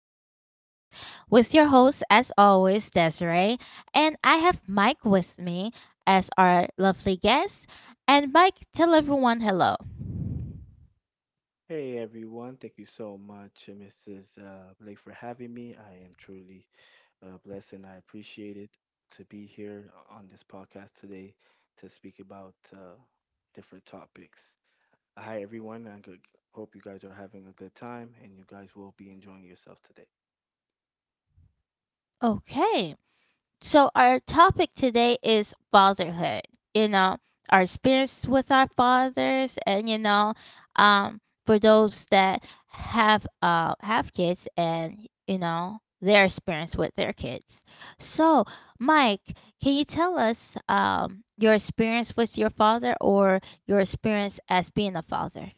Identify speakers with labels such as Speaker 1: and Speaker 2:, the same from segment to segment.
Speaker 1: podcast with your host, as always, Desiree. And I have Mike with me as our lovely guest. And Mike, tell everyone hello.
Speaker 2: Hey everyone, thank you so much, Mrs. Blake, for having me. I am truly blessed and I appreciate it to be here on this podcast today to speak about different topics. Hi everyone, hope you guys are having a good time and you guys will be enjoying yourself today.
Speaker 1: Okay. So our topic today is fatherhood. You know, our experience with our fathers, and um, for those that have kids, and you know their experience with their kids. So, Mike, can you tell us your experience with your father or your experience as being a father?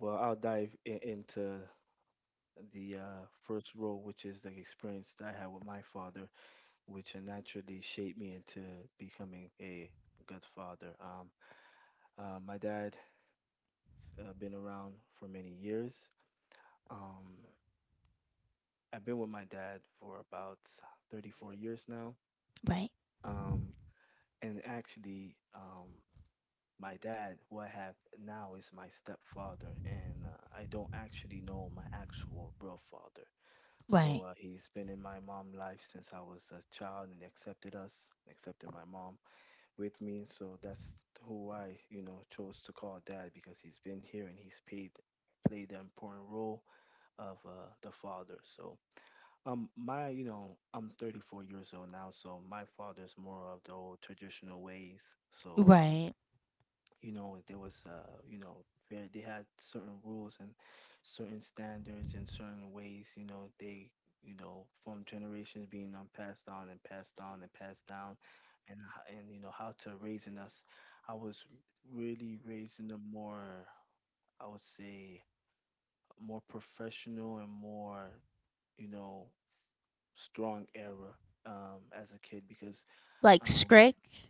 Speaker 2: Well, I'll into the first role, which is the experience that I had with my father, which naturally shaped me into becoming a good father. My dad been around for many years. Um, I've been with my dad for about 34 years now.
Speaker 1: Right,
Speaker 2: Um, and actually, my dad, who I have now, is my stepfather, and I don't actually know my actual real father.
Speaker 1: right,
Speaker 2: So he's been in my mom's life since I was a child and accepted us, accepted my mom with me. So that's who I, chose to call dad because he's been here and he's paid played an important role of the father. So my I'm 34 years old now, so my father's more of the old traditional ways. So
Speaker 1: right.
Speaker 2: you know there was you know fair, they had certain rules and certain standards and certain ways. You know they you know from generations being passed on and passed on and passed down, and and you know how to raising us. I was really raising them more. I would say more professional and more, you know, strong era as a kid because
Speaker 1: Like
Speaker 2: um,
Speaker 1: strict.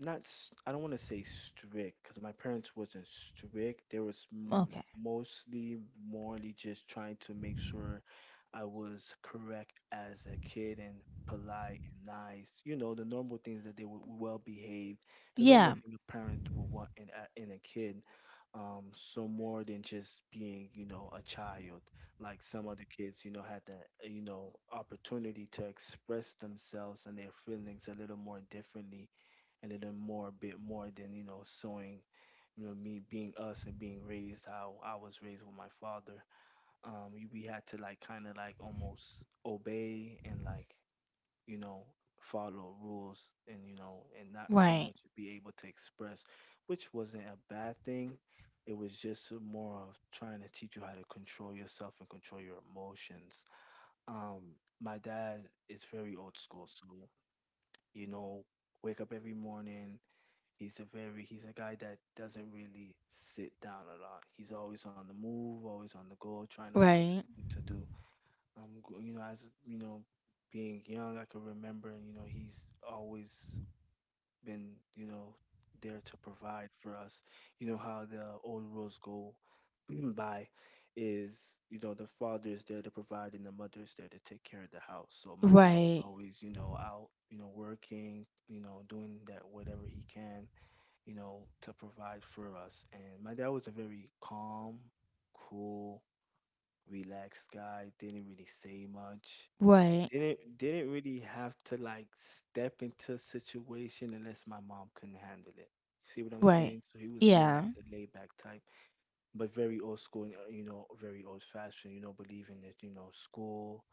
Speaker 2: not s- I don't want to say strict because my parents wasn't strict. They was m
Speaker 1: Okay.
Speaker 2: mostly morally just trying to make sure I was correct as a kid and polite and nice. You know, the normal things that they were well behaved, the normal
Speaker 1: Yeah.
Speaker 2: thing a parent would want in a kid. So more than just being, you know, a child. Like some other kids, you know, had the you know, opportunity to express themselves and their feelings a little more differently a little more bit more than you know sewing you know me being us and being raised how I was raised with my father we had to like kind of like almost obey and like you know follow rules and you know and not so
Speaker 1: Right.
Speaker 2: much be able to express which wasn't a bad thing, it was just more of trying to teach you how to control yourself and control your emotions. um my dad is very old school, so you know wake up every morning. He's a guy that doesn't really sit down a lot. He's always on the move, always on the go, trying to find
Speaker 1: Right.
Speaker 2: something to do. You know, as you know, being young, I can remember, you know, he's always been, you know, there to provide for us. You know how the old rules go by is, you know, the father is there to provide and the mother is there to take care of the house. So my dad was
Speaker 1: Right.
Speaker 2: always, you know, out, you know, working, you know, doing that whatever he can you know, to provide for us. And my dad was a very calm, cool, relaxed guy. Didn't really say much.
Speaker 1: Right.
Speaker 2: Didn't really have to like step into a situation unless my mom couldn't handle it. See what I'm
Speaker 1: Right.
Speaker 2: saying? So he was more like
Speaker 1: Yeah.
Speaker 2: the laid back type, but very old school and you know, very old fashioned, you know, believing that, you know, school,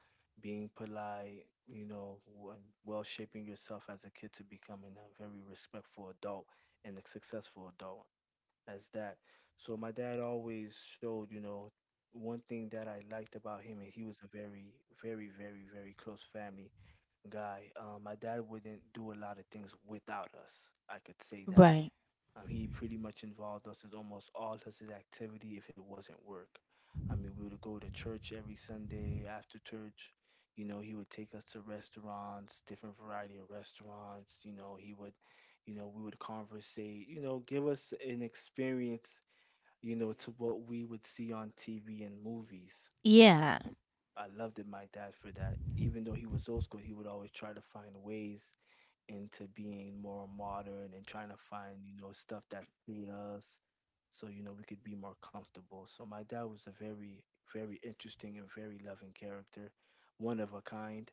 Speaker 2: being polite, and well shaping yourself as a kid to becoming a very respectful adult and a successful adult as that. So my dad always showed, you know, one thing that I liked about him, and he was a very, very, very, very close family guy. My dad wouldn't do a lot of things without us. I could say that.
Speaker 1: Right.
Speaker 2: He pretty much involved us in almost all of his activity if it wasn't work. I mean, we would go to church every Sunday after church. You know, he would take us to restaurants, different variety of restaurants. You know, he would, you know, we would conversate. You know, give us an experience. You know, to what we would see on TV and movies.
Speaker 1: Yeah.
Speaker 2: I loved it, my dad, for that. Even though he was old school, he would always try to find ways into being more modern and trying to find, you know, stuff that fit us so, you know, we could be more comfortable. So my dad was a very, very interesting and very loving character, one of a kind.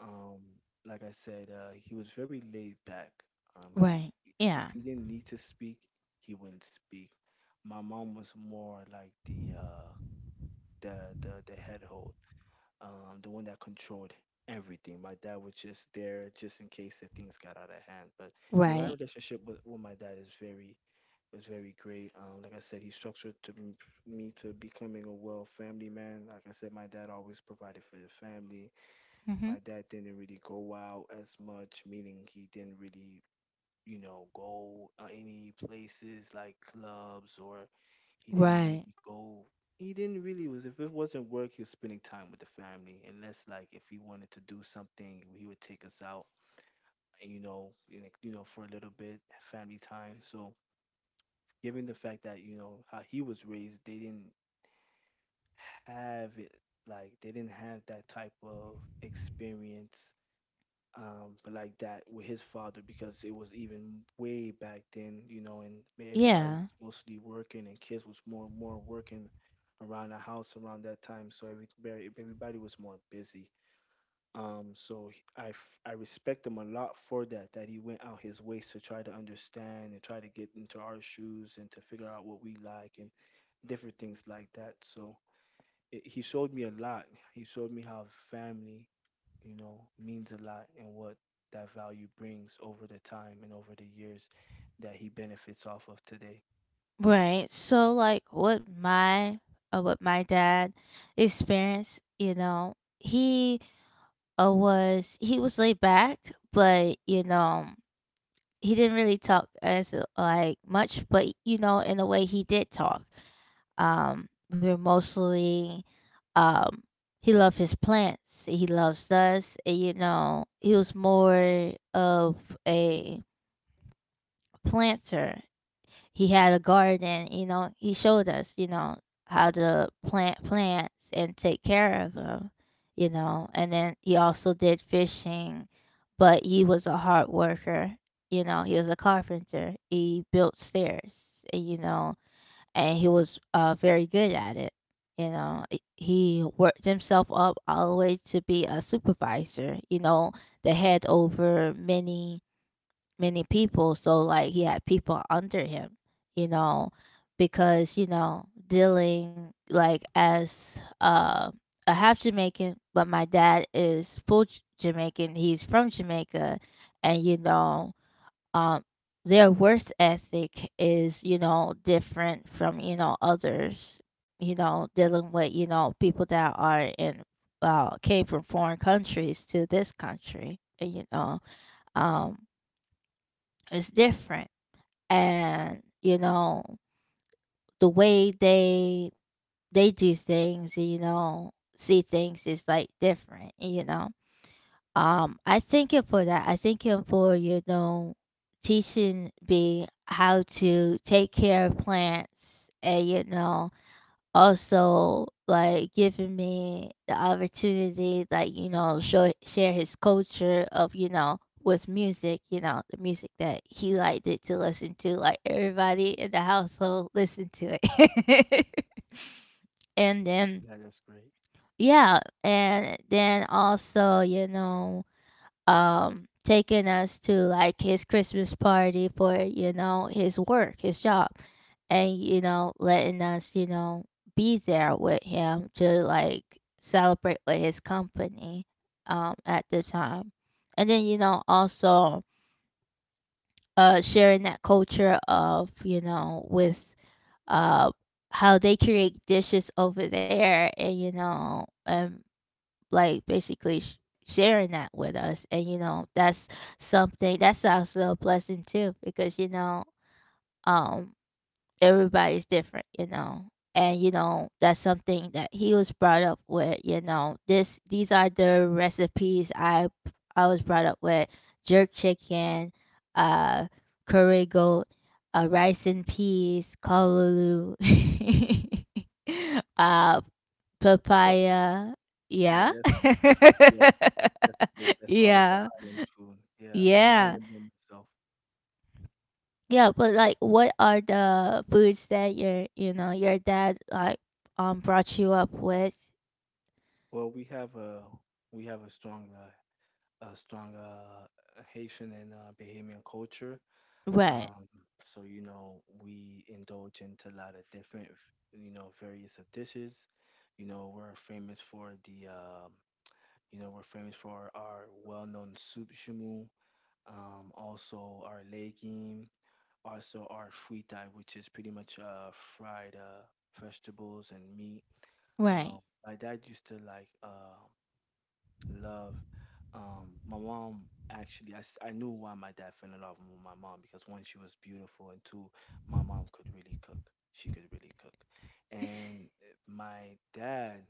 Speaker 2: Um, like I said, he was very laid back. Um, he,
Speaker 1: Right.
Speaker 2: if
Speaker 1: Yeah.
Speaker 2: he didn't need to speak, he wouldn't speak. My mom was more like the head hold the one that controlled everything. My dad was just there just in case if things got out of hand. But my
Speaker 1: Right.
Speaker 2: relationship with my dad is very was very great. Like I said, he me to becoming a well family man. Like I said, my dad always provided for the family. My
Speaker 1: Mhm.
Speaker 2: dad didn't really go out as much, meaning he didn't really you know go any places like clubs or he didn't
Speaker 1: Right.
Speaker 2: really go. He didn't really was if it wasn't work, he was spending time with the family. Unless like if he wanted to do something, he would take us out, you know, for a little bit, family time. So given the fact that you know how he was raised, they didn't have it like they didn't have that type of experience like that with his father because it was even way back then, you know, and everybody
Speaker 1: Yeah.
Speaker 2: was mostly working and kids was more working around the house around that time, so everybody was more busy. I respect him a lot for that, that he went out his ways to try to understand and try to get into our shoes and to figure out what we like and different things like that. So he showed me a lot. He showed me how family you know, means a lot and what that value brings over the time and over the years that he benefits off of today.
Speaker 1: Right. So like what my dad experienced, you know, he was laid back, but you know, he didn't really talk as like much, but you know, in a way he did talk. We were mostly, um, he loved his plants. He loves us. And, you know, he was more of a planter. He had a garden. You know, he showed us, you know, how to plant plants and take care of them, you know. And then he also did fishing, but he was a hard worker. You know, he was a carpenter. He built stairs, you know, and he was very good at it. You know, he worked himself up all the way to be a supervisor. You know, the head over many people. So like he had people under him. You know, because you know dealing like as a half Jamaican, but my dad is full Jamaican. He's from Jamaica, and you know um their worth ethic is you know different from you know others, you know, dealing with you know people that are in came from foreign countries to this country and, you know um it's different, and you know the way they do things, you know, see things is like different, you know. I thank him for that. I thank him for, you know, teaching me how to take care of plants and, you know, also like giving me the opportunity, like, you know, show, share his culture of, you know, with music, you know, the music that he liked it to listen to, like everybody in the household listened to it. And then,
Speaker 2: Yeah, that's great.
Speaker 1: yeah, and then also, you know, taking us to like his Christmas party for you know his work, his job, and you know letting us you know be there with him to like celebrate with his company at the time, and then you know also sharing that culture of you know with uh how they create dishes over there, and you know and like basically sharing that with us, and you know that's something that's also a blessing too because you know, um everybody's different, you know. And you know, that's something that he was brought up with, you know. This these are the recipes I was brought up with: jerk chicken, uh curry goat, rice and peas, callaloo, uh
Speaker 2: Oh,
Speaker 1: papaya.
Speaker 2: yeah,
Speaker 1: Yeah.
Speaker 2: yeah, that's great. That's all of the
Speaker 1: Yeah.
Speaker 2: island food. Yeah, I'm an
Speaker 1: Yeah.
Speaker 2: islander myself.
Speaker 1: Yeah, but like, what are the foods that your you know your dad like brought you up with?
Speaker 2: Well, we have a strong Haitian and Bahamian culture.
Speaker 1: Right,
Speaker 2: Um, so you know we indulge into a lot of different, you know, various of dishes. You know, we're famous for the um You know, we're famous for our well-known soup shamu, also our legume, also our fritai, which is pretty much fried vegetables and meat.
Speaker 1: right,
Speaker 2: Um, my dad used to like love. My mom actually, I knew why my dad fell in love with my mom because one, she was beautiful, and two, my mom could really cook. She could really cook, and my dad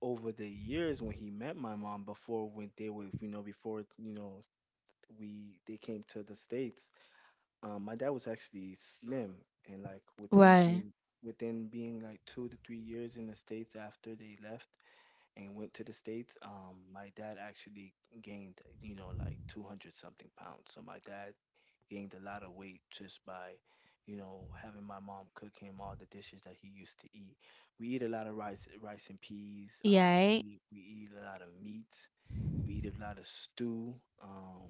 Speaker 2: over the years when he met my mom before when they were you know before you know we they came to the states. My dad was actually slim and like
Speaker 1: right,
Speaker 2: within being like 2 to 3 years in the states after they left and went to the states. My dad actually gained you know like 200 something pounds, so my dad gained a lot of weight just by, you know, having my mom cook him all the dishes that he used to eat. We eat a lot of rice, rice and peas.
Speaker 1: yeah,
Speaker 2: We eat a lot of meats. We eat a lot of stew. Um,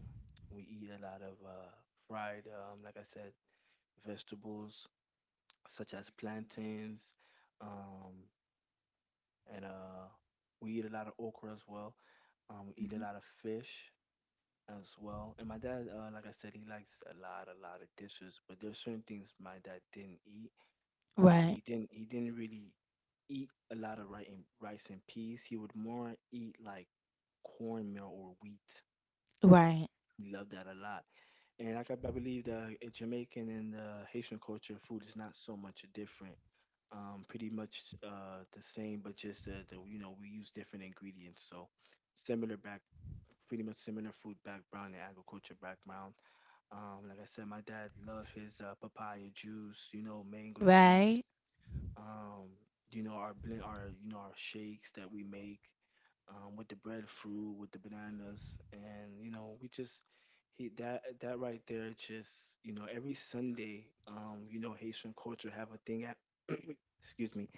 Speaker 2: we eat a lot of fried, like I said, vegetables such as plantains. Um, and we eat a lot of okra as well. We eat a lot of fish as well. And my dad, like I said, he likes a lot of dishes, but there's certain things my dad didn't eat.
Speaker 1: right, Mhm,
Speaker 2: He didn't really eat a lot of rice and rice and peas. He would more eat like cornmeal or wheat.
Speaker 1: right, right,
Speaker 2: He loved that a lot. And like I believe the Jamaican and the Haitian culture food is not so much different. Pretty much the same, but just the you know we use different ingredients. So similar back, pretty much similar food background and agriculture background. Like I said, my dad loved his papaya juice, you know, mango juice.
Speaker 1: right,
Speaker 2: Um, you know our blend, our you know our shakes that we make with the breadfruit, with the bananas, and you know we just he that that right there just you know every Sunday, you know Haitian culture have a thing at excuse me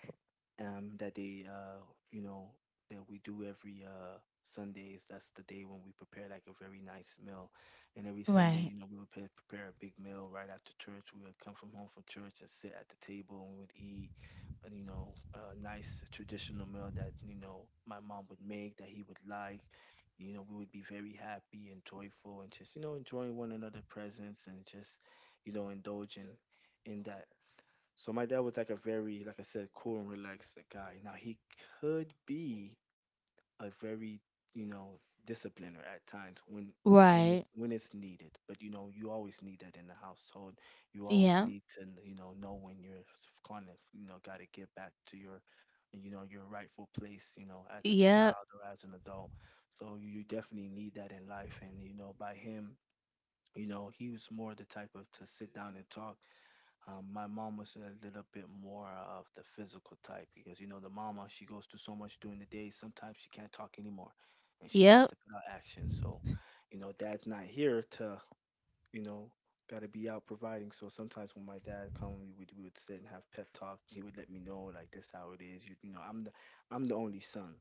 Speaker 2: um, that they, uh, you know, that we do every Sundays. That's the day when we prepare like a very nice meal. And every Sunday,
Speaker 1: right,
Speaker 2: you know, we would prepare a big meal right after church. We would come from home from church and sit at the table and we would eat, you know, a nice traditional meal that, you know, my mom would make that he would like. You know, we would be very happy and joyful and just, you know, enjoying one another presence and just, you know, indulging in that. So my dad was like a very, like I said, cool and relaxed guy. Now he could be a very, you know, discipliner at times
Speaker 1: right,
Speaker 2: when it's needed. But you know, you always need that in the household. You always
Speaker 1: yeah,
Speaker 2: need to, you know when you're kind of, you know, got to get back to your, you know, your rightful place, you know, as a
Speaker 1: yep,
Speaker 2: child or as an adult. So you definitely need that in life. And you know, by him, you know, he was more the type of to sit down and talk. My mom was a little bit more of the physical type because you know the mama she goes through so much during the day. Sometimes she can't talk anymore, and she has
Speaker 1: yep,
Speaker 2: to put out action. So, you know, dad's not here to you know got to be out providing. So sometimes when my dad come, we would sit and have pep talk. He would let me know like this how it is. You know, I'm the only son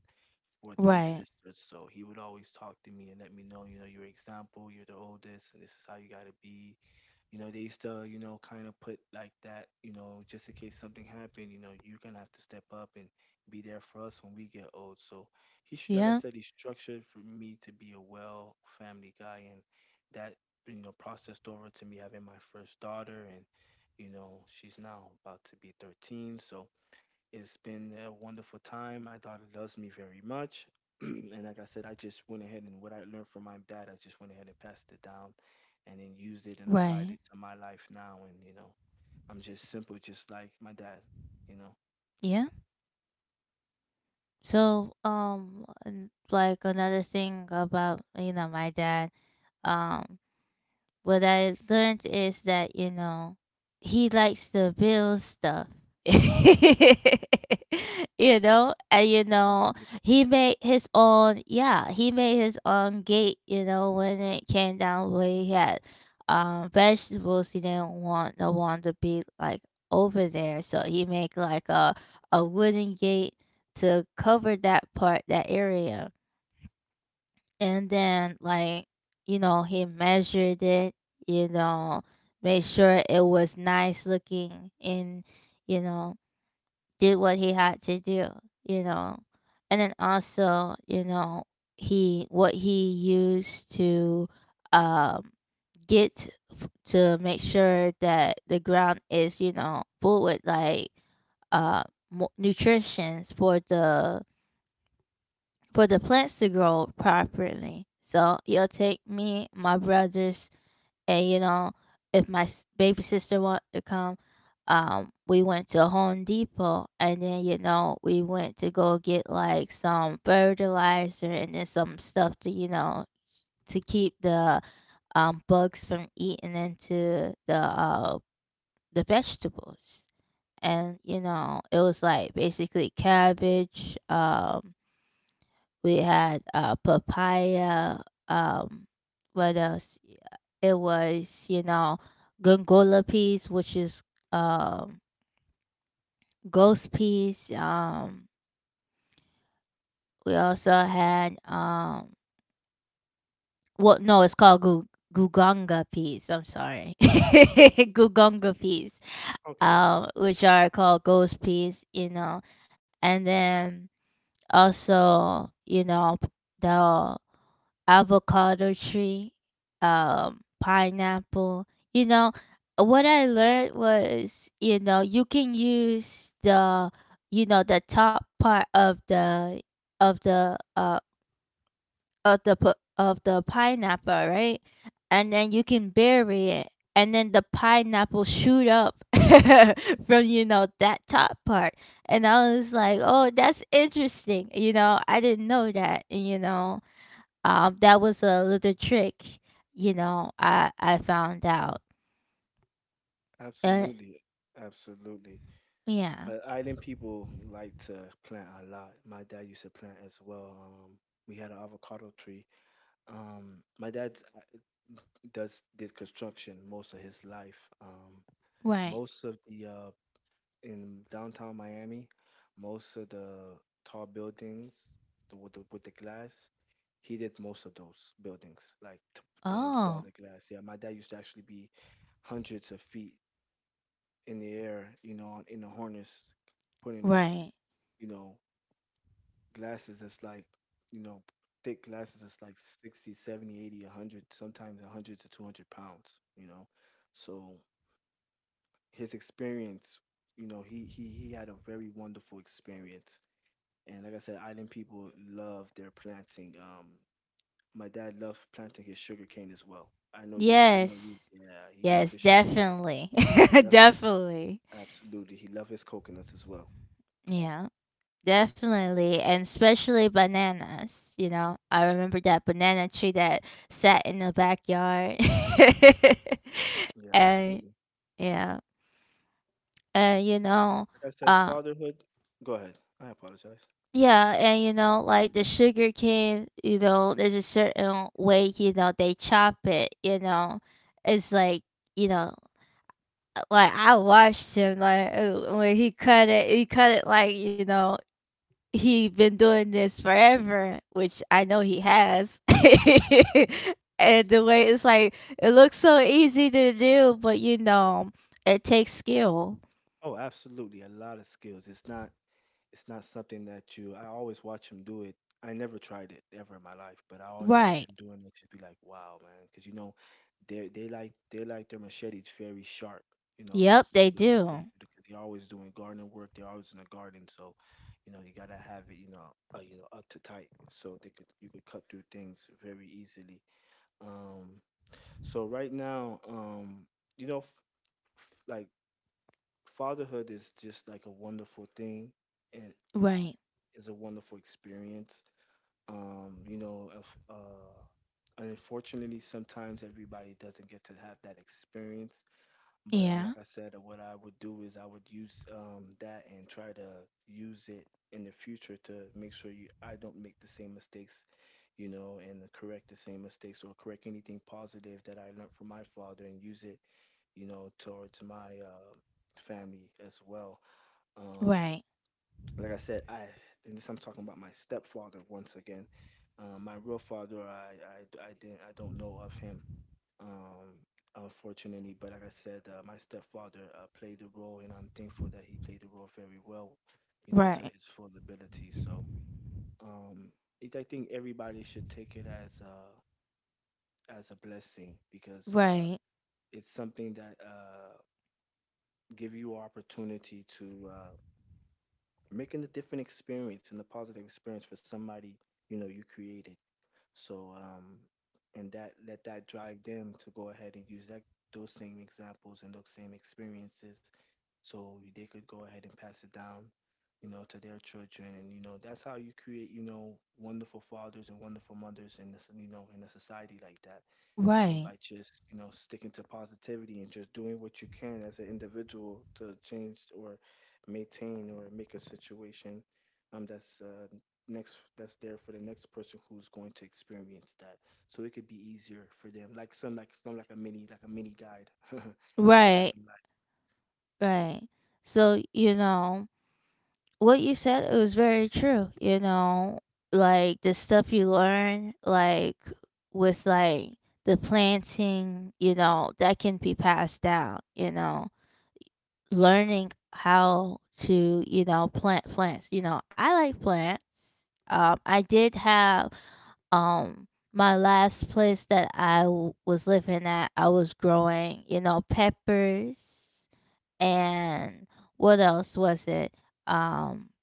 Speaker 2: for three
Speaker 1: right,
Speaker 2: sisters, so he would always talk to me and let me know you know your example. You're the oldest, and this is how you got to be, you know, they used to, you know, kind of put like that, you know, just in case something happened, you know, you're gonna have to step up and be there for us when we get old. So like I
Speaker 1: yeah,
Speaker 2: said, he structured for me to be a well family guy, and that, you know, processed over to me having my first daughter, and you know, she's now about to be 13, so it's been a wonderful time. My daughter loves me very much. And like I said, I just went ahead and what I learned from my dad, I just went ahead and passed it down and then used it and applied it
Speaker 1: right,
Speaker 2: to my life now. And, you know, I'm just simple, just like my dad, you know.
Speaker 1: yeah. So and, like another thing about you know my dad, um what I learned is that, you know, he likes to build stuff. You know, and you know,
Speaker 2: Absolutely.
Speaker 1: he made his own, yeah, he made his own gate, you know, when it came down where he had vegetables he didn't want no one to be like over there. So he made like a wooden gate to cover that part, that area, and then like you know he measured it, you know, made sure it was nice looking and you know did what he had to do, you know, and then also you know he what he used to um get to make sure that the ground is you know full with like uh nutritions for the plants to grow properly. So he'll take me, my brothers, and you know, if my baby sister wanted to come, we went to Home Depot, and then you know, we went to go get like some fertilizer and then some stuff to you know to keep the bugs from eating into the vegetables. And you know, it was like basically cabbage, um, we had papaya. Um, what else? It was you know gongola peas, which is um, ghost peas. We also had well, no, it's called guganga peas. I'm sorry, guganga peas,
Speaker 2: Okay.
Speaker 1: which are called ghost peas. You know, and then also you know the avocado tree, pineapple. You know, what I learned was, you know, you can use the, you know, the top part of the of the uh of the pu- of the pineapple, right? And then you can bury it, and then the pineapple shoot up from you know that top part. And I was like, oh, that's interesting. You know, I didn't know that. You know that was a little trick, you know. I found out. Uh,
Speaker 2: Absolutely. Absolutely.
Speaker 1: yeah,
Speaker 2: Island people like to plant a lot. My dad used to plant as well. We had an avocado tree. My dad does did construction most of his life.
Speaker 1: right.
Speaker 2: Most of the in downtown Miami, most of the tall buildings with the glass, he did most of those buildings, like to install
Speaker 1: Oh,
Speaker 2: the glass. Yeah, my dad used to actually be hundreds of feet in the air, you know, on, in a harness, putting up,
Speaker 1: right.
Speaker 2: you know, glasses that's like, you know, thick glasses that's like 60, 70, 100, sometimes 100 to 200 pounds, you know. So his experience, you know, he had a very wonderful experience. And like I said, island people love their planting. My dad loved planting his sugar cane as well. I know you. I know you.
Speaker 1: Yes,
Speaker 2: Yeah, he loved
Speaker 1: yes,
Speaker 2: his sugar cane,
Speaker 1: definitely,
Speaker 2: and he loved his
Speaker 1: definitely.
Speaker 2: absolutely. He loved his coconuts as well.
Speaker 1: Yeah, definitely, and especially bananas. You know, I remember that banana tree that sat in the backyard,
Speaker 2: Yeah,
Speaker 1: and
Speaker 2: absolutely.
Speaker 1: yeah, and you know,
Speaker 2: Like I said,
Speaker 1: uh,
Speaker 2: fatherhood. Go ahead. I apologize.
Speaker 1: yeah, and you know, like the sugar cane, you know, there's a certain way, you know, they chop it, you know. It's like, you know, like I watched him like when he cut it like, you know, he been doing this forever, which I know he has. And the way it's like it looks so easy to do, but you know, it takes skill.
Speaker 2: Oh, absolutely. A lot of skills. It's not something that you I always watch him do it. I never tried it ever in my life, but I always watch
Speaker 1: Right.
Speaker 2: him doing it just be like, wow, man, because you know they like their machetes very sharp, you know.
Speaker 1: Yep, they
Speaker 2: So, so
Speaker 1: do.
Speaker 2: because they're always doing gardening work, they're always in the garden, so you know you gotta have it, you know, up to tight, so they could you could cut through things very easily. Um, so right now, you know, like fatherhood is just like a wonderful thing, and
Speaker 1: Right.
Speaker 2: is a wonderful experience. You know, if, unfortunately, sometimes everybody doesn't get to have that experience. But
Speaker 1: Yeah.
Speaker 2: like I said, what I would do is I would use that and try to use it in the future to make sure you, I don't make the same mistakes, you know, and correct the same mistakes or correct anything positive that I learned from my father and use it, you know, towards my family as well. Um,
Speaker 1: Right.
Speaker 2: like I said, I and this I'm talking about my stepfather once again. My real father, I don't know of him, um, unfortunately. But like I said, my stepfather played the role, and I'm thankful that he played the role very well, you know, to
Speaker 1: Right.
Speaker 2: his full ability. So um, it, I think everybody should take it as a blessing because
Speaker 1: Right,
Speaker 2: it's something that give you opportunity to making a different experience and a positive experience for somebody you know you created. So and that let that drive them to go ahead and use that those same examples and those same experiences so they could go ahead and pass it down you know to their children and you know that's how you create you know wonderful fathers and wonderful mothers in this you know in a society like that.
Speaker 1: right,
Speaker 2: By just you know sticking to positivity and just doing what you can as an individual to change or maintain or make a situation, that's next that's there for the next person who's going to experience that so it could be easier for them like some like some like a mini guide that you'll have
Speaker 1: right,
Speaker 2: in life.
Speaker 1: right. So, you know, what you said, it was very true. You know, like the stuff you learn, like with like the planting, you know, that can be passed down, you know, learning how to, you know, plant plants. You know, I like plants. I did have um my last place that I was living at, I was growing, you know, peppers and what else was it? Um,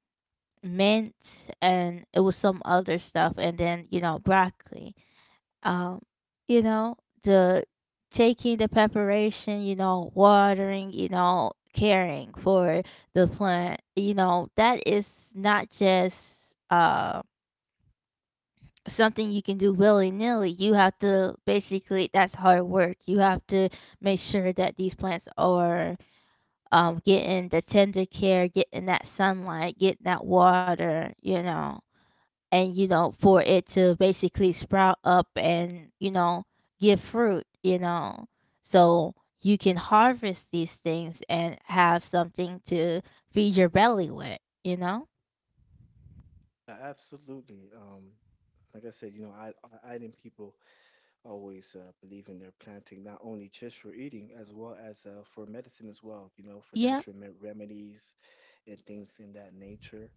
Speaker 1: mint, and it was some other stuff, and then, you know, broccoli. Um, you know, the taking the preparation, you know, watering, you know, caring for the plant, you know, that is not just something you can do willy nilly. You have to basically that's hard work. You have to make sure that these plants are getting the tender care, getting that sunlight, getting that water, you know, and you know for it to basically sprout up and you know give fruit, you know, so you can harvest these things and have something to feed your belly with, you know.
Speaker 2: Absolutely. Like I said you know I people always believe in their planting, not only just for eating, as well as for medicine as well, you know, for
Speaker 1: Yeah.
Speaker 2: natural remedies and things in that nature.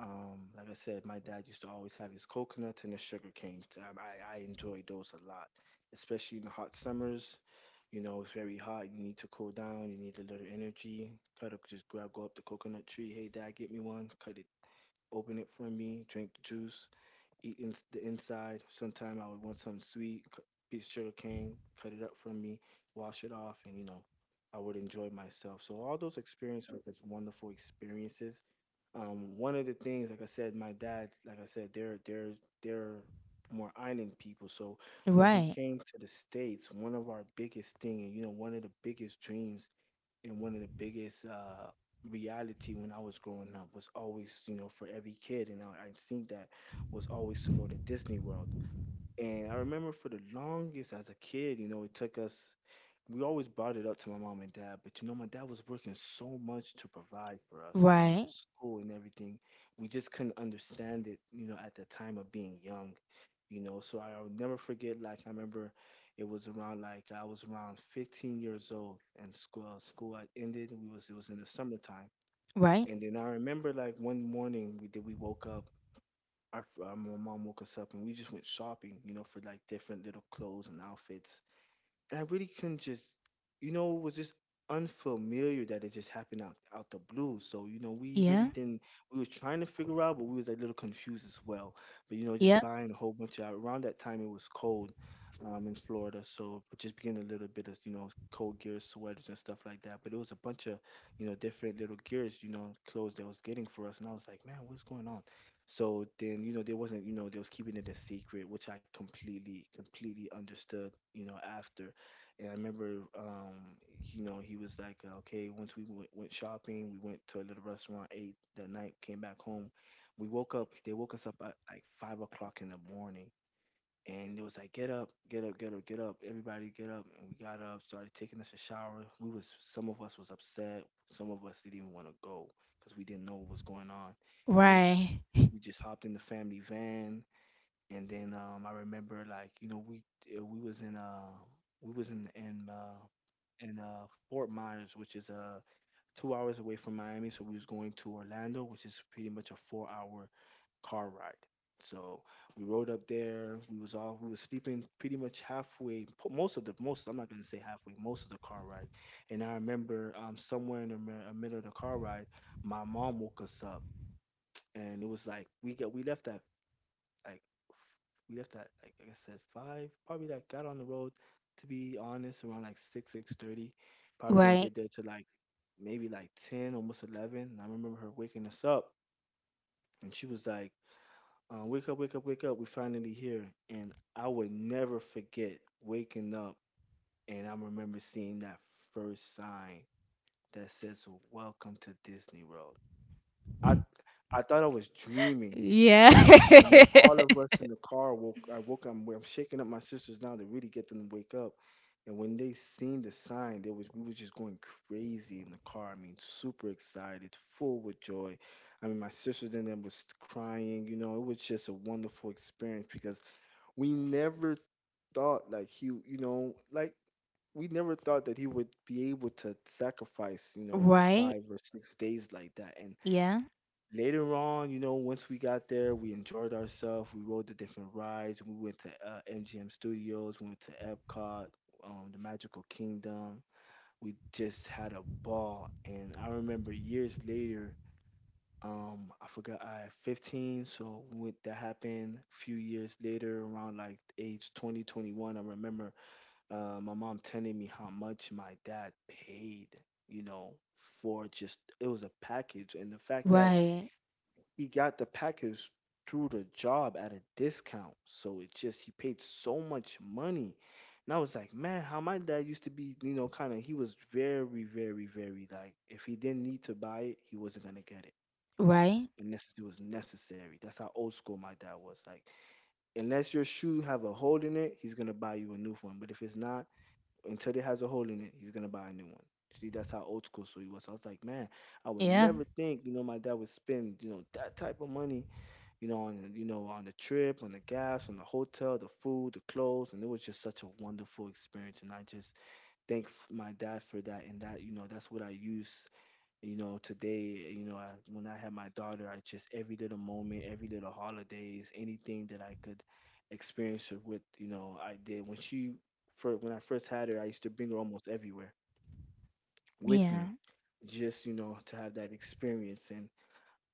Speaker 2: Like I said, my dad used to always have his coconuts and his sugar canes. I enjoyed those a lot, especially in the hot summers. You know, it's very hot. You need to cool down. You need a little energy. Cut up, just grab, go up the coconut tree. Hey, dad, get me one. Cut it, open it for me. Drink the juice eat in the inside. Sometime I would want something sweet, piece of sugar cane, cut it up for me, wash it off, and you know, I would enjoy myself. So all those experiences were just wonderful experiences. One of the things, like I said, my dad, like I said, they're more island people. So when he
Speaker 1: Right.
Speaker 2: came to the States, one of our biggest thing, and you know, one of the biggest dreams and one of the biggest reality when I was growing up was always, you know, for every kid and I think that was always to go to Disney World. And I remember for the longest as a kid, you know, it took us we always brought it up to my mom and dad, but you know, my dad was working so much to provide for us and, you know,
Speaker 1: Right.
Speaker 2: school and everything. We just couldn't understand it, you know, at the time of being young, you know. So I'll never forget, like, I remember it was around, like, I was around 15 years old and school, school had ended. It was in the summertime.
Speaker 1: Right.
Speaker 2: And then I remember, like, one morning we woke up. My mom woke us up and we just went shopping, you know, for like different little clothes and outfits and I really couldn't just, you know, it was just unfamiliar that it just happened out the blue. So you know, we really
Speaker 1: Yeah.
Speaker 2: didn't. We were trying to figure out, but we was a little confused as well. But you know, just
Speaker 1: Yeah.
Speaker 2: buying a whole bunch of. Around that time, it was cold, in Florida, so we just getting a little bit of you know cold gear, sweaters and stuff like that. But it was a bunch of you know different little gears, you know, clothes that was getting for us, and I was like, man, what's going on? So then, there wasn't, they was keeping it a secret, which I completely, completely understood, after. And I remember, um, he was like, okay, once we went shopping, we went to a little restaurant, ate that night, came back home. We woke up, they woke us up at like 5 o'clock in the morning. And it was like, get up, get up, get up, get up. Everybody get up. And we got up, started taking us a shower. Some of us was upset. Some of us didn't even want to go because we didn't know what was going on. And
Speaker 1: Right.
Speaker 2: we just hopped in the family van. And then I remember like, we was in we was in in uh, Fort Myers, which is 2 hours away from Miami. So we was going to Orlando, which is pretty much a 4-hour car ride. So we rode up there. We was sleeping pretty much halfway. Most of the most I'm not gonna say halfway. Most of the car ride. And I remember somewhere in the middle of the car ride, my mom woke us up, and it was like we left at like f- like I said, five. Probably like got on the road, to be honest, around like 6, 6:30. Probably didn't
Speaker 1: Right.
Speaker 2: get there till like maybe like 10, almost 11. And I remember her waking us up and she was like, "Wake up, wake up, wake up! We finally here." And I would never forget waking up and I remember seeing that first sign that says "Welcome to Disney World." I I thought I was dreaming.
Speaker 1: Yeah.
Speaker 2: Then- And then all of us in the car woke. I woke up. I'm shaking up my sisters now to really get them to wake up. And when they seen the sign, there was we was just going crazy in the car. I mean, super excited, full with joy. I mean, my sisters and them was crying. You know, it was just a wonderful experience because we never thought like he, we never thought that he would be able to sacrifice, you know, a
Speaker 1: Right.
Speaker 2: 5 or 6 days like that. And
Speaker 1: Yeah.
Speaker 2: later on, you know, once we got there, we enjoyed ourselves. We rode the different rides. We went to MGM Studios. We went to Epcot, the Magical Kingdom. We just had a ball. And I remember years later, I forgot I had 15, so when that happened a few years later, around like age 20, 21, I remember my mom telling me how much my dad paid, you know, for just it was a package, and the fact that
Speaker 1: Right.
Speaker 2: he got the package through the job at a discount. So it just he paid so much money. And I was like, man, how my dad used to be, you know, kind of he was very, very, very, like, if he didn't need to buy it, he wasn't gonna get it.
Speaker 1: Right.
Speaker 2: Unless it was necessary. That's how old school my dad was. Like, unless your shoe have a hole in it, he's gonna buy you a new one. But if it's not, until it has a hole in it, he's gonna buy a new one. See, that's how old school so he was. So I was like, man, I would
Speaker 1: Yeah.
Speaker 2: never think, you know, my dad would spend, you know, that type of money, you know, on, you know, on the trip, on the gas, on the hotel, the food, the clothes, and it was just such a wonderful experience. And I just thank my dad for that. And that, you know, that's what I use, you know, today. You know, when I had my daughter, I just every little moment, every little holidays, anything that I could experience her with, you know, I did. For when I first had her, I used to bring her almost everywhere with
Speaker 1: Yeah.
Speaker 2: me, just, you know, to have that experience. And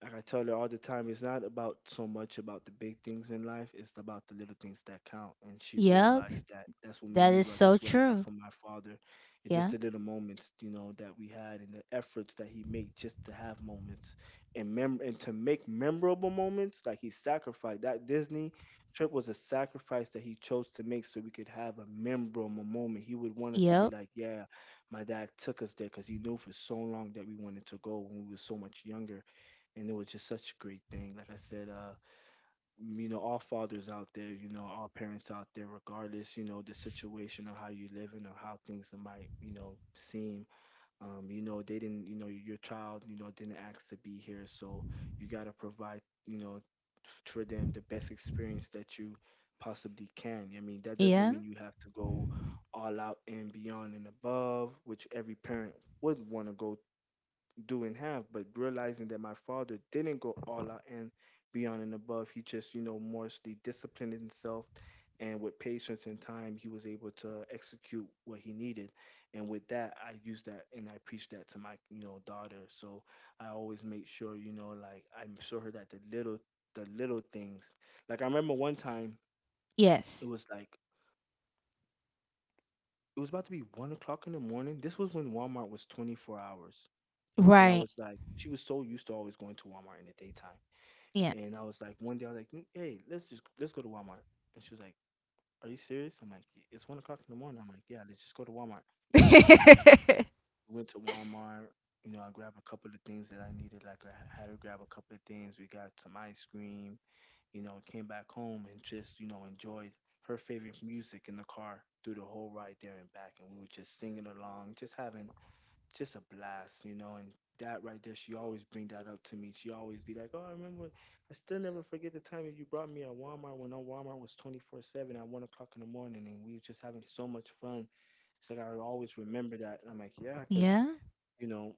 Speaker 2: like I tell her all the time, it's not about so much about the big things in life, it's about the little things that count. And she
Speaker 1: Yep.
Speaker 2: realized that that's what made
Speaker 1: That
Speaker 2: me
Speaker 1: is
Speaker 2: run.
Speaker 1: so
Speaker 2: That's what I got
Speaker 1: true.
Speaker 2: from my father. It's just
Speaker 1: Yeah.
Speaker 2: the little moments, you know, that we had and the efforts that he made just to have moments and mem and to make memorable moments. Like, he sacrificed that Disney trip was a sacrifice that he chose to make so we could have a memorable moment. He would want us to be
Speaker 1: Yep.
Speaker 2: like, yeah, my dad took us there because he knew for so long that we wanted to go when we were so much younger and it was just such a great thing. Like I said, you know, all fathers out there, you know, all parents out there, regardless, you know, the situation or how you living or how things might, you know, seem, you know, they didn't, you know, your child, you know, didn't ask to be here, so you got to provide, you know, for them the best experience that you possibly can. I mean, that doesn't
Speaker 1: Yeah.
Speaker 2: mean you have to go all out and beyond and above, which every parent would want to go do in half, but realizing that my father didn't go all out and beyond and above, he just, you know, mostly disciplined himself. And with patience and time, he was able to execute what he needed. And with that, I use that and I preach that to my, you know, daughter. So I always make sure, you know, like, I show her that the little things. Like I remember one time, it
Speaker 1: Yes.
Speaker 2: was like it was about to be 1 o'clock in the morning. This was when Walmart was 24 hours. And I
Speaker 1: Right.
Speaker 2: was like, she was so used to always going to Walmart in the daytime.
Speaker 1: Yeah.
Speaker 2: And I was like, one day I was like, "Mm, hey, let's go to Walmart." And she was like, are you serious? I'm like, "Yeah, it's 1 o'clock in the morning." I'm like, yeah, let's just go to Walmart. And, you know, we went to Walmart. You know, I grabbed a couple of things that I needed. Like, I had to grab a couple of things. We got some ice cream. You know, came back home and just, you know, enjoyed her favorite music in the car through the whole ride there and back. And we were just singing along, just having just a blast, you know. And that right there, she always bring that up to me. She always be like, "Oh, I remember. I still never forget the time that you brought me at Walmart when our Walmart was 24/7 at 1 o'clock in the morning, and we were just having so much fun." It's like I always remember that. And I'm like, yeah, because,
Speaker 1: Yeah.
Speaker 2: you know,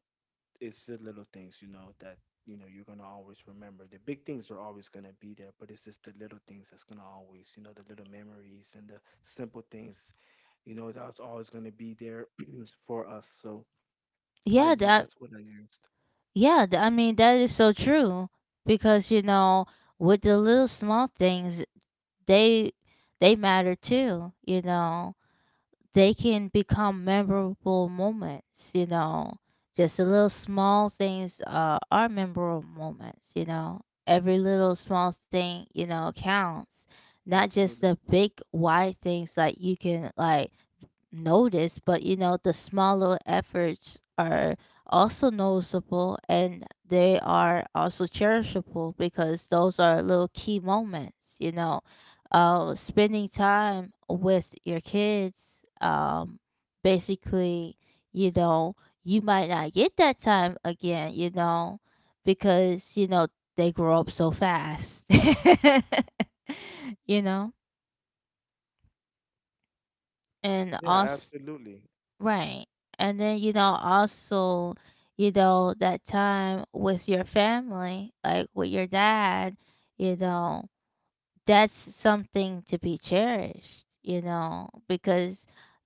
Speaker 2: it's the little things, you know, that, you know, you're gonna always remember. The big things are always gonna be there, but it's just the little things that's gonna always, you know, the little memories and the simple things, you know, that's always going to be there for us. So I
Speaker 1: Yeah.
Speaker 2: use
Speaker 1: That.
Speaker 2: that's what I use.
Speaker 1: Yeah. I mean, that is so true because you know, with the little small things, they they matter too. You know, they can become memorable moments, you know. Just the little small things are memorable moments, you know. Every little small thing, you know, counts. Not just
Speaker 2: Absolutely.
Speaker 1: the big wide things like you can like noticed, but you know, the small little efforts are also noticeable and they are also cherishable because those are little key moments, you know. Spending time with your kids, basically, you know, you might not get that time again, you know, because, you know, they grow up so fast, you know, and
Speaker 2: Yeah,
Speaker 1: also
Speaker 2: absolutely.
Speaker 1: right. And then, you know, also, you know, that time with your family, like with your dad, you know, that's something to be cherished, you know, because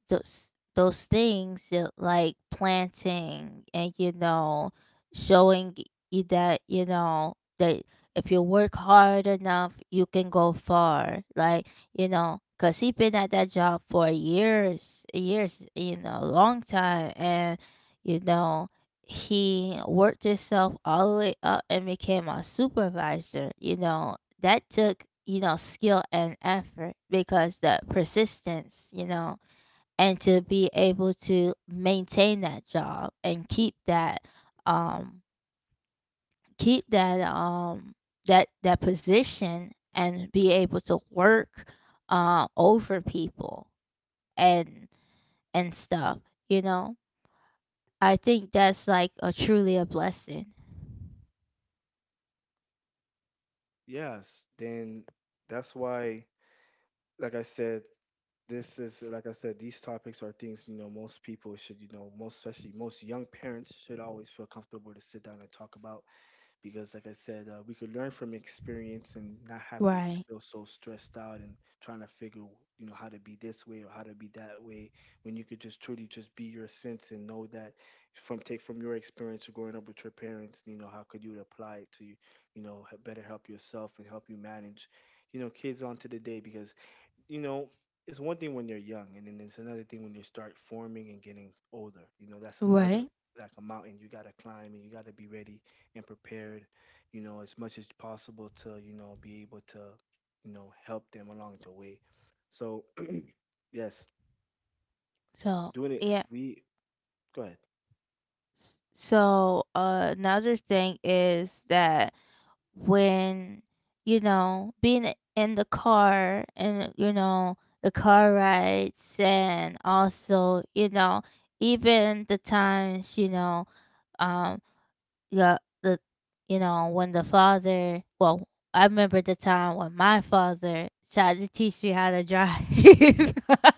Speaker 1: those those things like planting and you know showing you that you know that if you work hard enough you can go far, like you know because he been at that job for years, you know, long time, and you know he worked himself all the way up and became a supervisor, you know, that took you know skill and effort because the persistence, you know, and to be able to maintain that job and keep that um keep that um that position and be able to work over people and and stuff, you know, I think that's like a truly a blessing.
Speaker 2: Yes. Then that's why, like I said, this is, like I said, these topics are things, you know, most people should, you know, most especially most young parents should always feel comfortable to sit down and talk about, because, like I said, we could learn from experience and not have to
Speaker 1: Right,
Speaker 2: feel so stressed out and trying to figure, you know, how to be this way or how to be that way, when you could just truly just be your sense and know that from take from your experience of growing up with your parents, you know, how could you apply it to you, you know, better help yourself and help you manage, you know, kids on to the day, because, you know, it's one thing when you're young, and then it's another thing when you start forming and getting older. You know, that's another,
Speaker 1: right,
Speaker 2: like, a mountain you gotta climb, and you gotta be ready and prepared. You know, as much as possible to, you know, be able to, you know, help them along the way. So yes,
Speaker 1: so
Speaker 2: doing it.
Speaker 1: yeah.
Speaker 2: We go ahead.
Speaker 1: So another thing is that when, you know, being in the car and, you know, the car rides and also, you know, even the times, you know, um, the, the, you know, when the father, well, I remember the time when my father tried to teach me how to drive.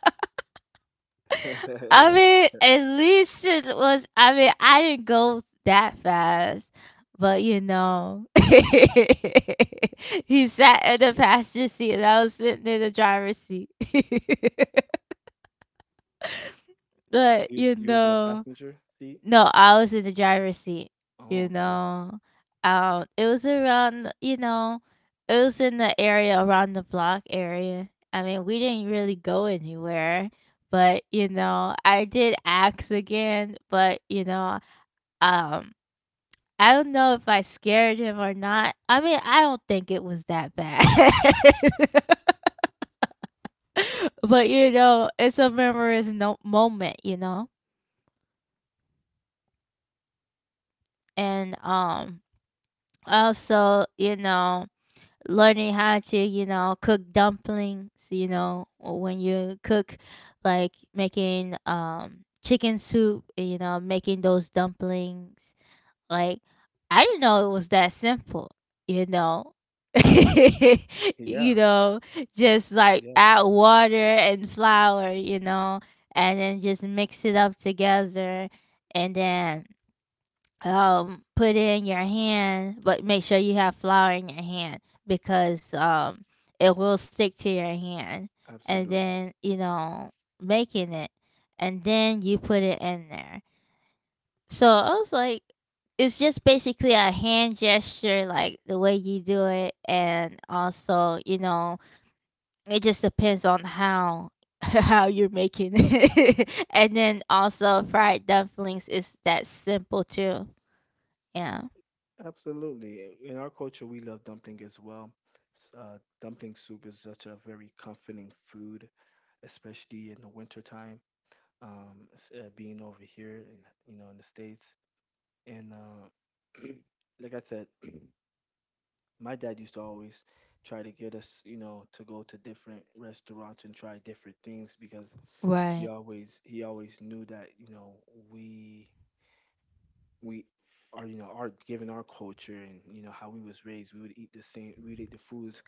Speaker 1: I mean, at least it was. I mean, I didn't go that fast, but you know, he sat in the passenger seat and I was sitting in the driver's seat. But you
Speaker 2: You was in the
Speaker 1: know,
Speaker 2: passenger seat.
Speaker 1: no, I was in the driver's seat,
Speaker 2: Oh,
Speaker 1: you
Speaker 2: okay.
Speaker 1: know. It was around, you know, it was in the area around the block area. I mean, we didn't really go anywhere, but you know, I did ask again, but you know, um, I don't know if I scared him or not. I mean, I don't think it was that bad. But you know, it's a memorable no moment, you know. And um, also, you know, learning how to you know cook dumplings, you know, or when you cook like making chicken soup, you know, making those dumplings, like I didn't know it was that simple, you know, you
Speaker 2: Yeah,
Speaker 1: know, just like
Speaker 2: yeah,
Speaker 1: add water and flour, you know, and then just mix it up together, and then put it in your hand but make sure you have flour in your hand because it will stick to your hand, and
Speaker 2: absolutely.
Speaker 1: then you know making it, and then you put it in there, so I was like it's just basically a hand gesture like the way you do it, and also you know it just depends on how how you're making it, and then also fried dumplings is that simple too, yeah.
Speaker 2: Absolutely. In our culture, we love dumpling as well. Dumpling soup is such a very comforting food, especially in the winter time. Being over here in, you know, in the States, and like I said, my dad used to always try to get us, you know, to go to different restaurants and try different things, because
Speaker 1: Right.
Speaker 2: he always knew that, you know, we we are, you know, our given our culture, and, you know, how we was raised, we would eat the same, we would eat the foods,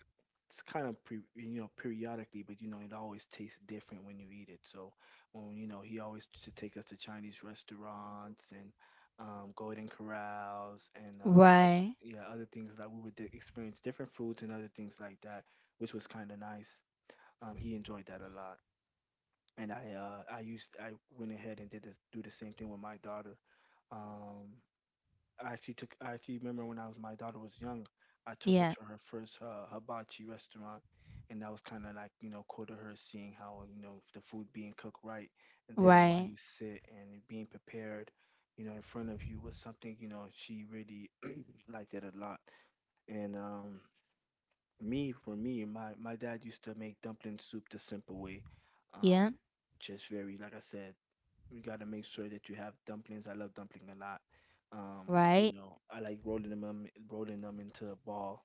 Speaker 2: it's kind of pre, you know, periodically, but, you know, it always tastes different when you eat it. So when, you know, he always used to take us to Chinese restaurants and Golden Corrals and
Speaker 1: Right.
Speaker 2: yeah, other things that we would experience different foods and other things like that, which was kind of nice. He enjoyed that a lot. And I I used I went ahead and did do the same thing with my daughter. um, I actually took. I actually remember when I was my daughter was young, I took her
Speaker 1: Yeah.
Speaker 2: to her first hibachi restaurant, and that was kind of like, you know, cool to her seeing how, you know, the food being cooked right there while
Speaker 1: Right.
Speaker 2: you sit and it being prepared, you know, in front of you was something, you know, she really liked it a lot. And me for me, my dad used to make dumpling soup the simple way, um,
Speaker 1: Yeah.
Speaker 2: just very, like I said, you gotta make sure that you have dumplings. I love dumpling a lot.
Speaker 1: Right.
Speaker 2: I like rolling them into a ball,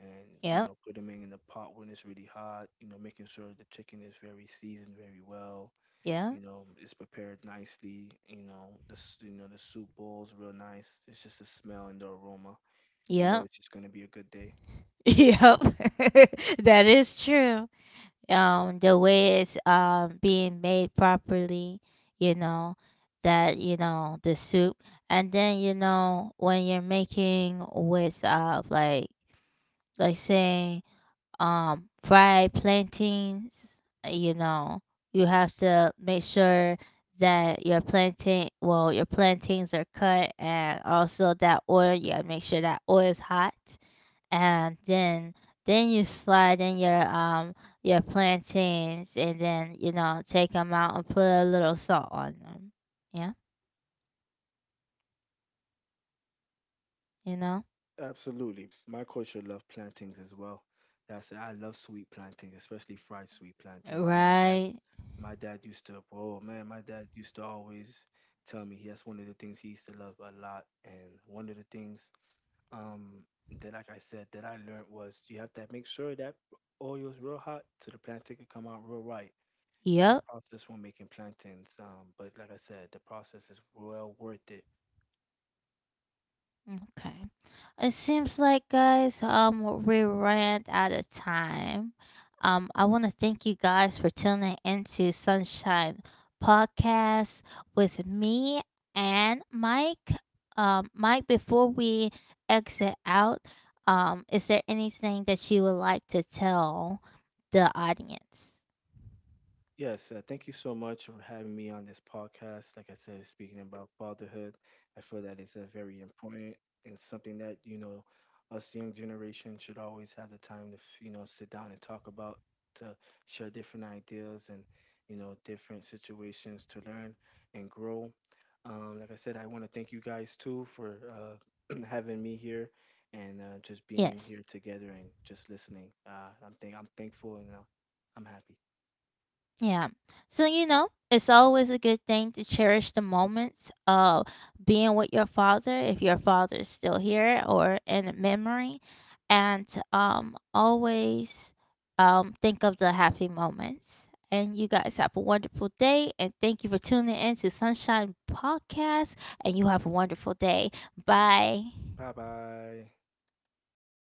Speaker 2: and, you
Speaker 1: Yep.
Speaker 2: know, put them in the pot when it's really hot. You know, making sure the chicken is very seasoned very well.
Speaker 1: Yep.
Speaker 2: You know, it's prepared nicely. You know, the you know, the soup bowl's real nice. It's just the smell and the aroma. You know,
Speaker 1: Yep.
Speaker 2: it's just gonna be a good day.
Speaker 1: Yep. That is true. The way it's being made properly, you know, that you know the soup, and then you know when you're making with like saying fried plantains, you know, you have to make sure that your plantain, well, your plantains are cut, and also that oil you gotta make sure that oil is hot, and then you slide in your plantains, and then you know take them out and put a little salt on them, yeah, you know,
Speaker 2: Absolutely, my culture love plantains as well. That's I love sweet plantains, especially fried sweet plantains. My dad,
Speaker 1: right,
Speaker 2: My dad used to, oh man, my dad used to always tell me that's one of the things he used to love a lot. And one of the things, um, that, like I said, that I learned was you have to make sure that oil is real hot so the plantain can come out real right. It's a
Speaker 1: yep.
Speaker 2: process when making plantains, but, like I said, the process is well worth it.
Speaker 1: Okay. It seems like guys, um, we ran out of time. Um, I want to thank you guys for tuning into Sunshine Podcast with me and Mike. Um, Mike, before we exit out, um, is there anything that you would like to tell the audience?
Speaker 2: Yes, thank you so much for having me on this podcast. Like I said, speaking about fatherhood, I feel that it's a very important and something that, you know, us young generation should always have the time to, you know, sit down and talk about, to share different ideas and, you know, different situations to learn and grow. Like I said, I want to thank you guys too for having me here and just being
Speaker 1: Yes.
Speaker 2: here together and just listening. I'm thankful, and I'm happy.
Speaker 1: Yeah. So, you know, it's always a good thing to cherish the moments of being with your father if your father is still here or in memory. And always think of the happy moments. And you guys have a wonderful day. And thank you for tuning in to Sunshine Podcast. And you have a wonderful day. Bye.
Speaker 2: 拜拜。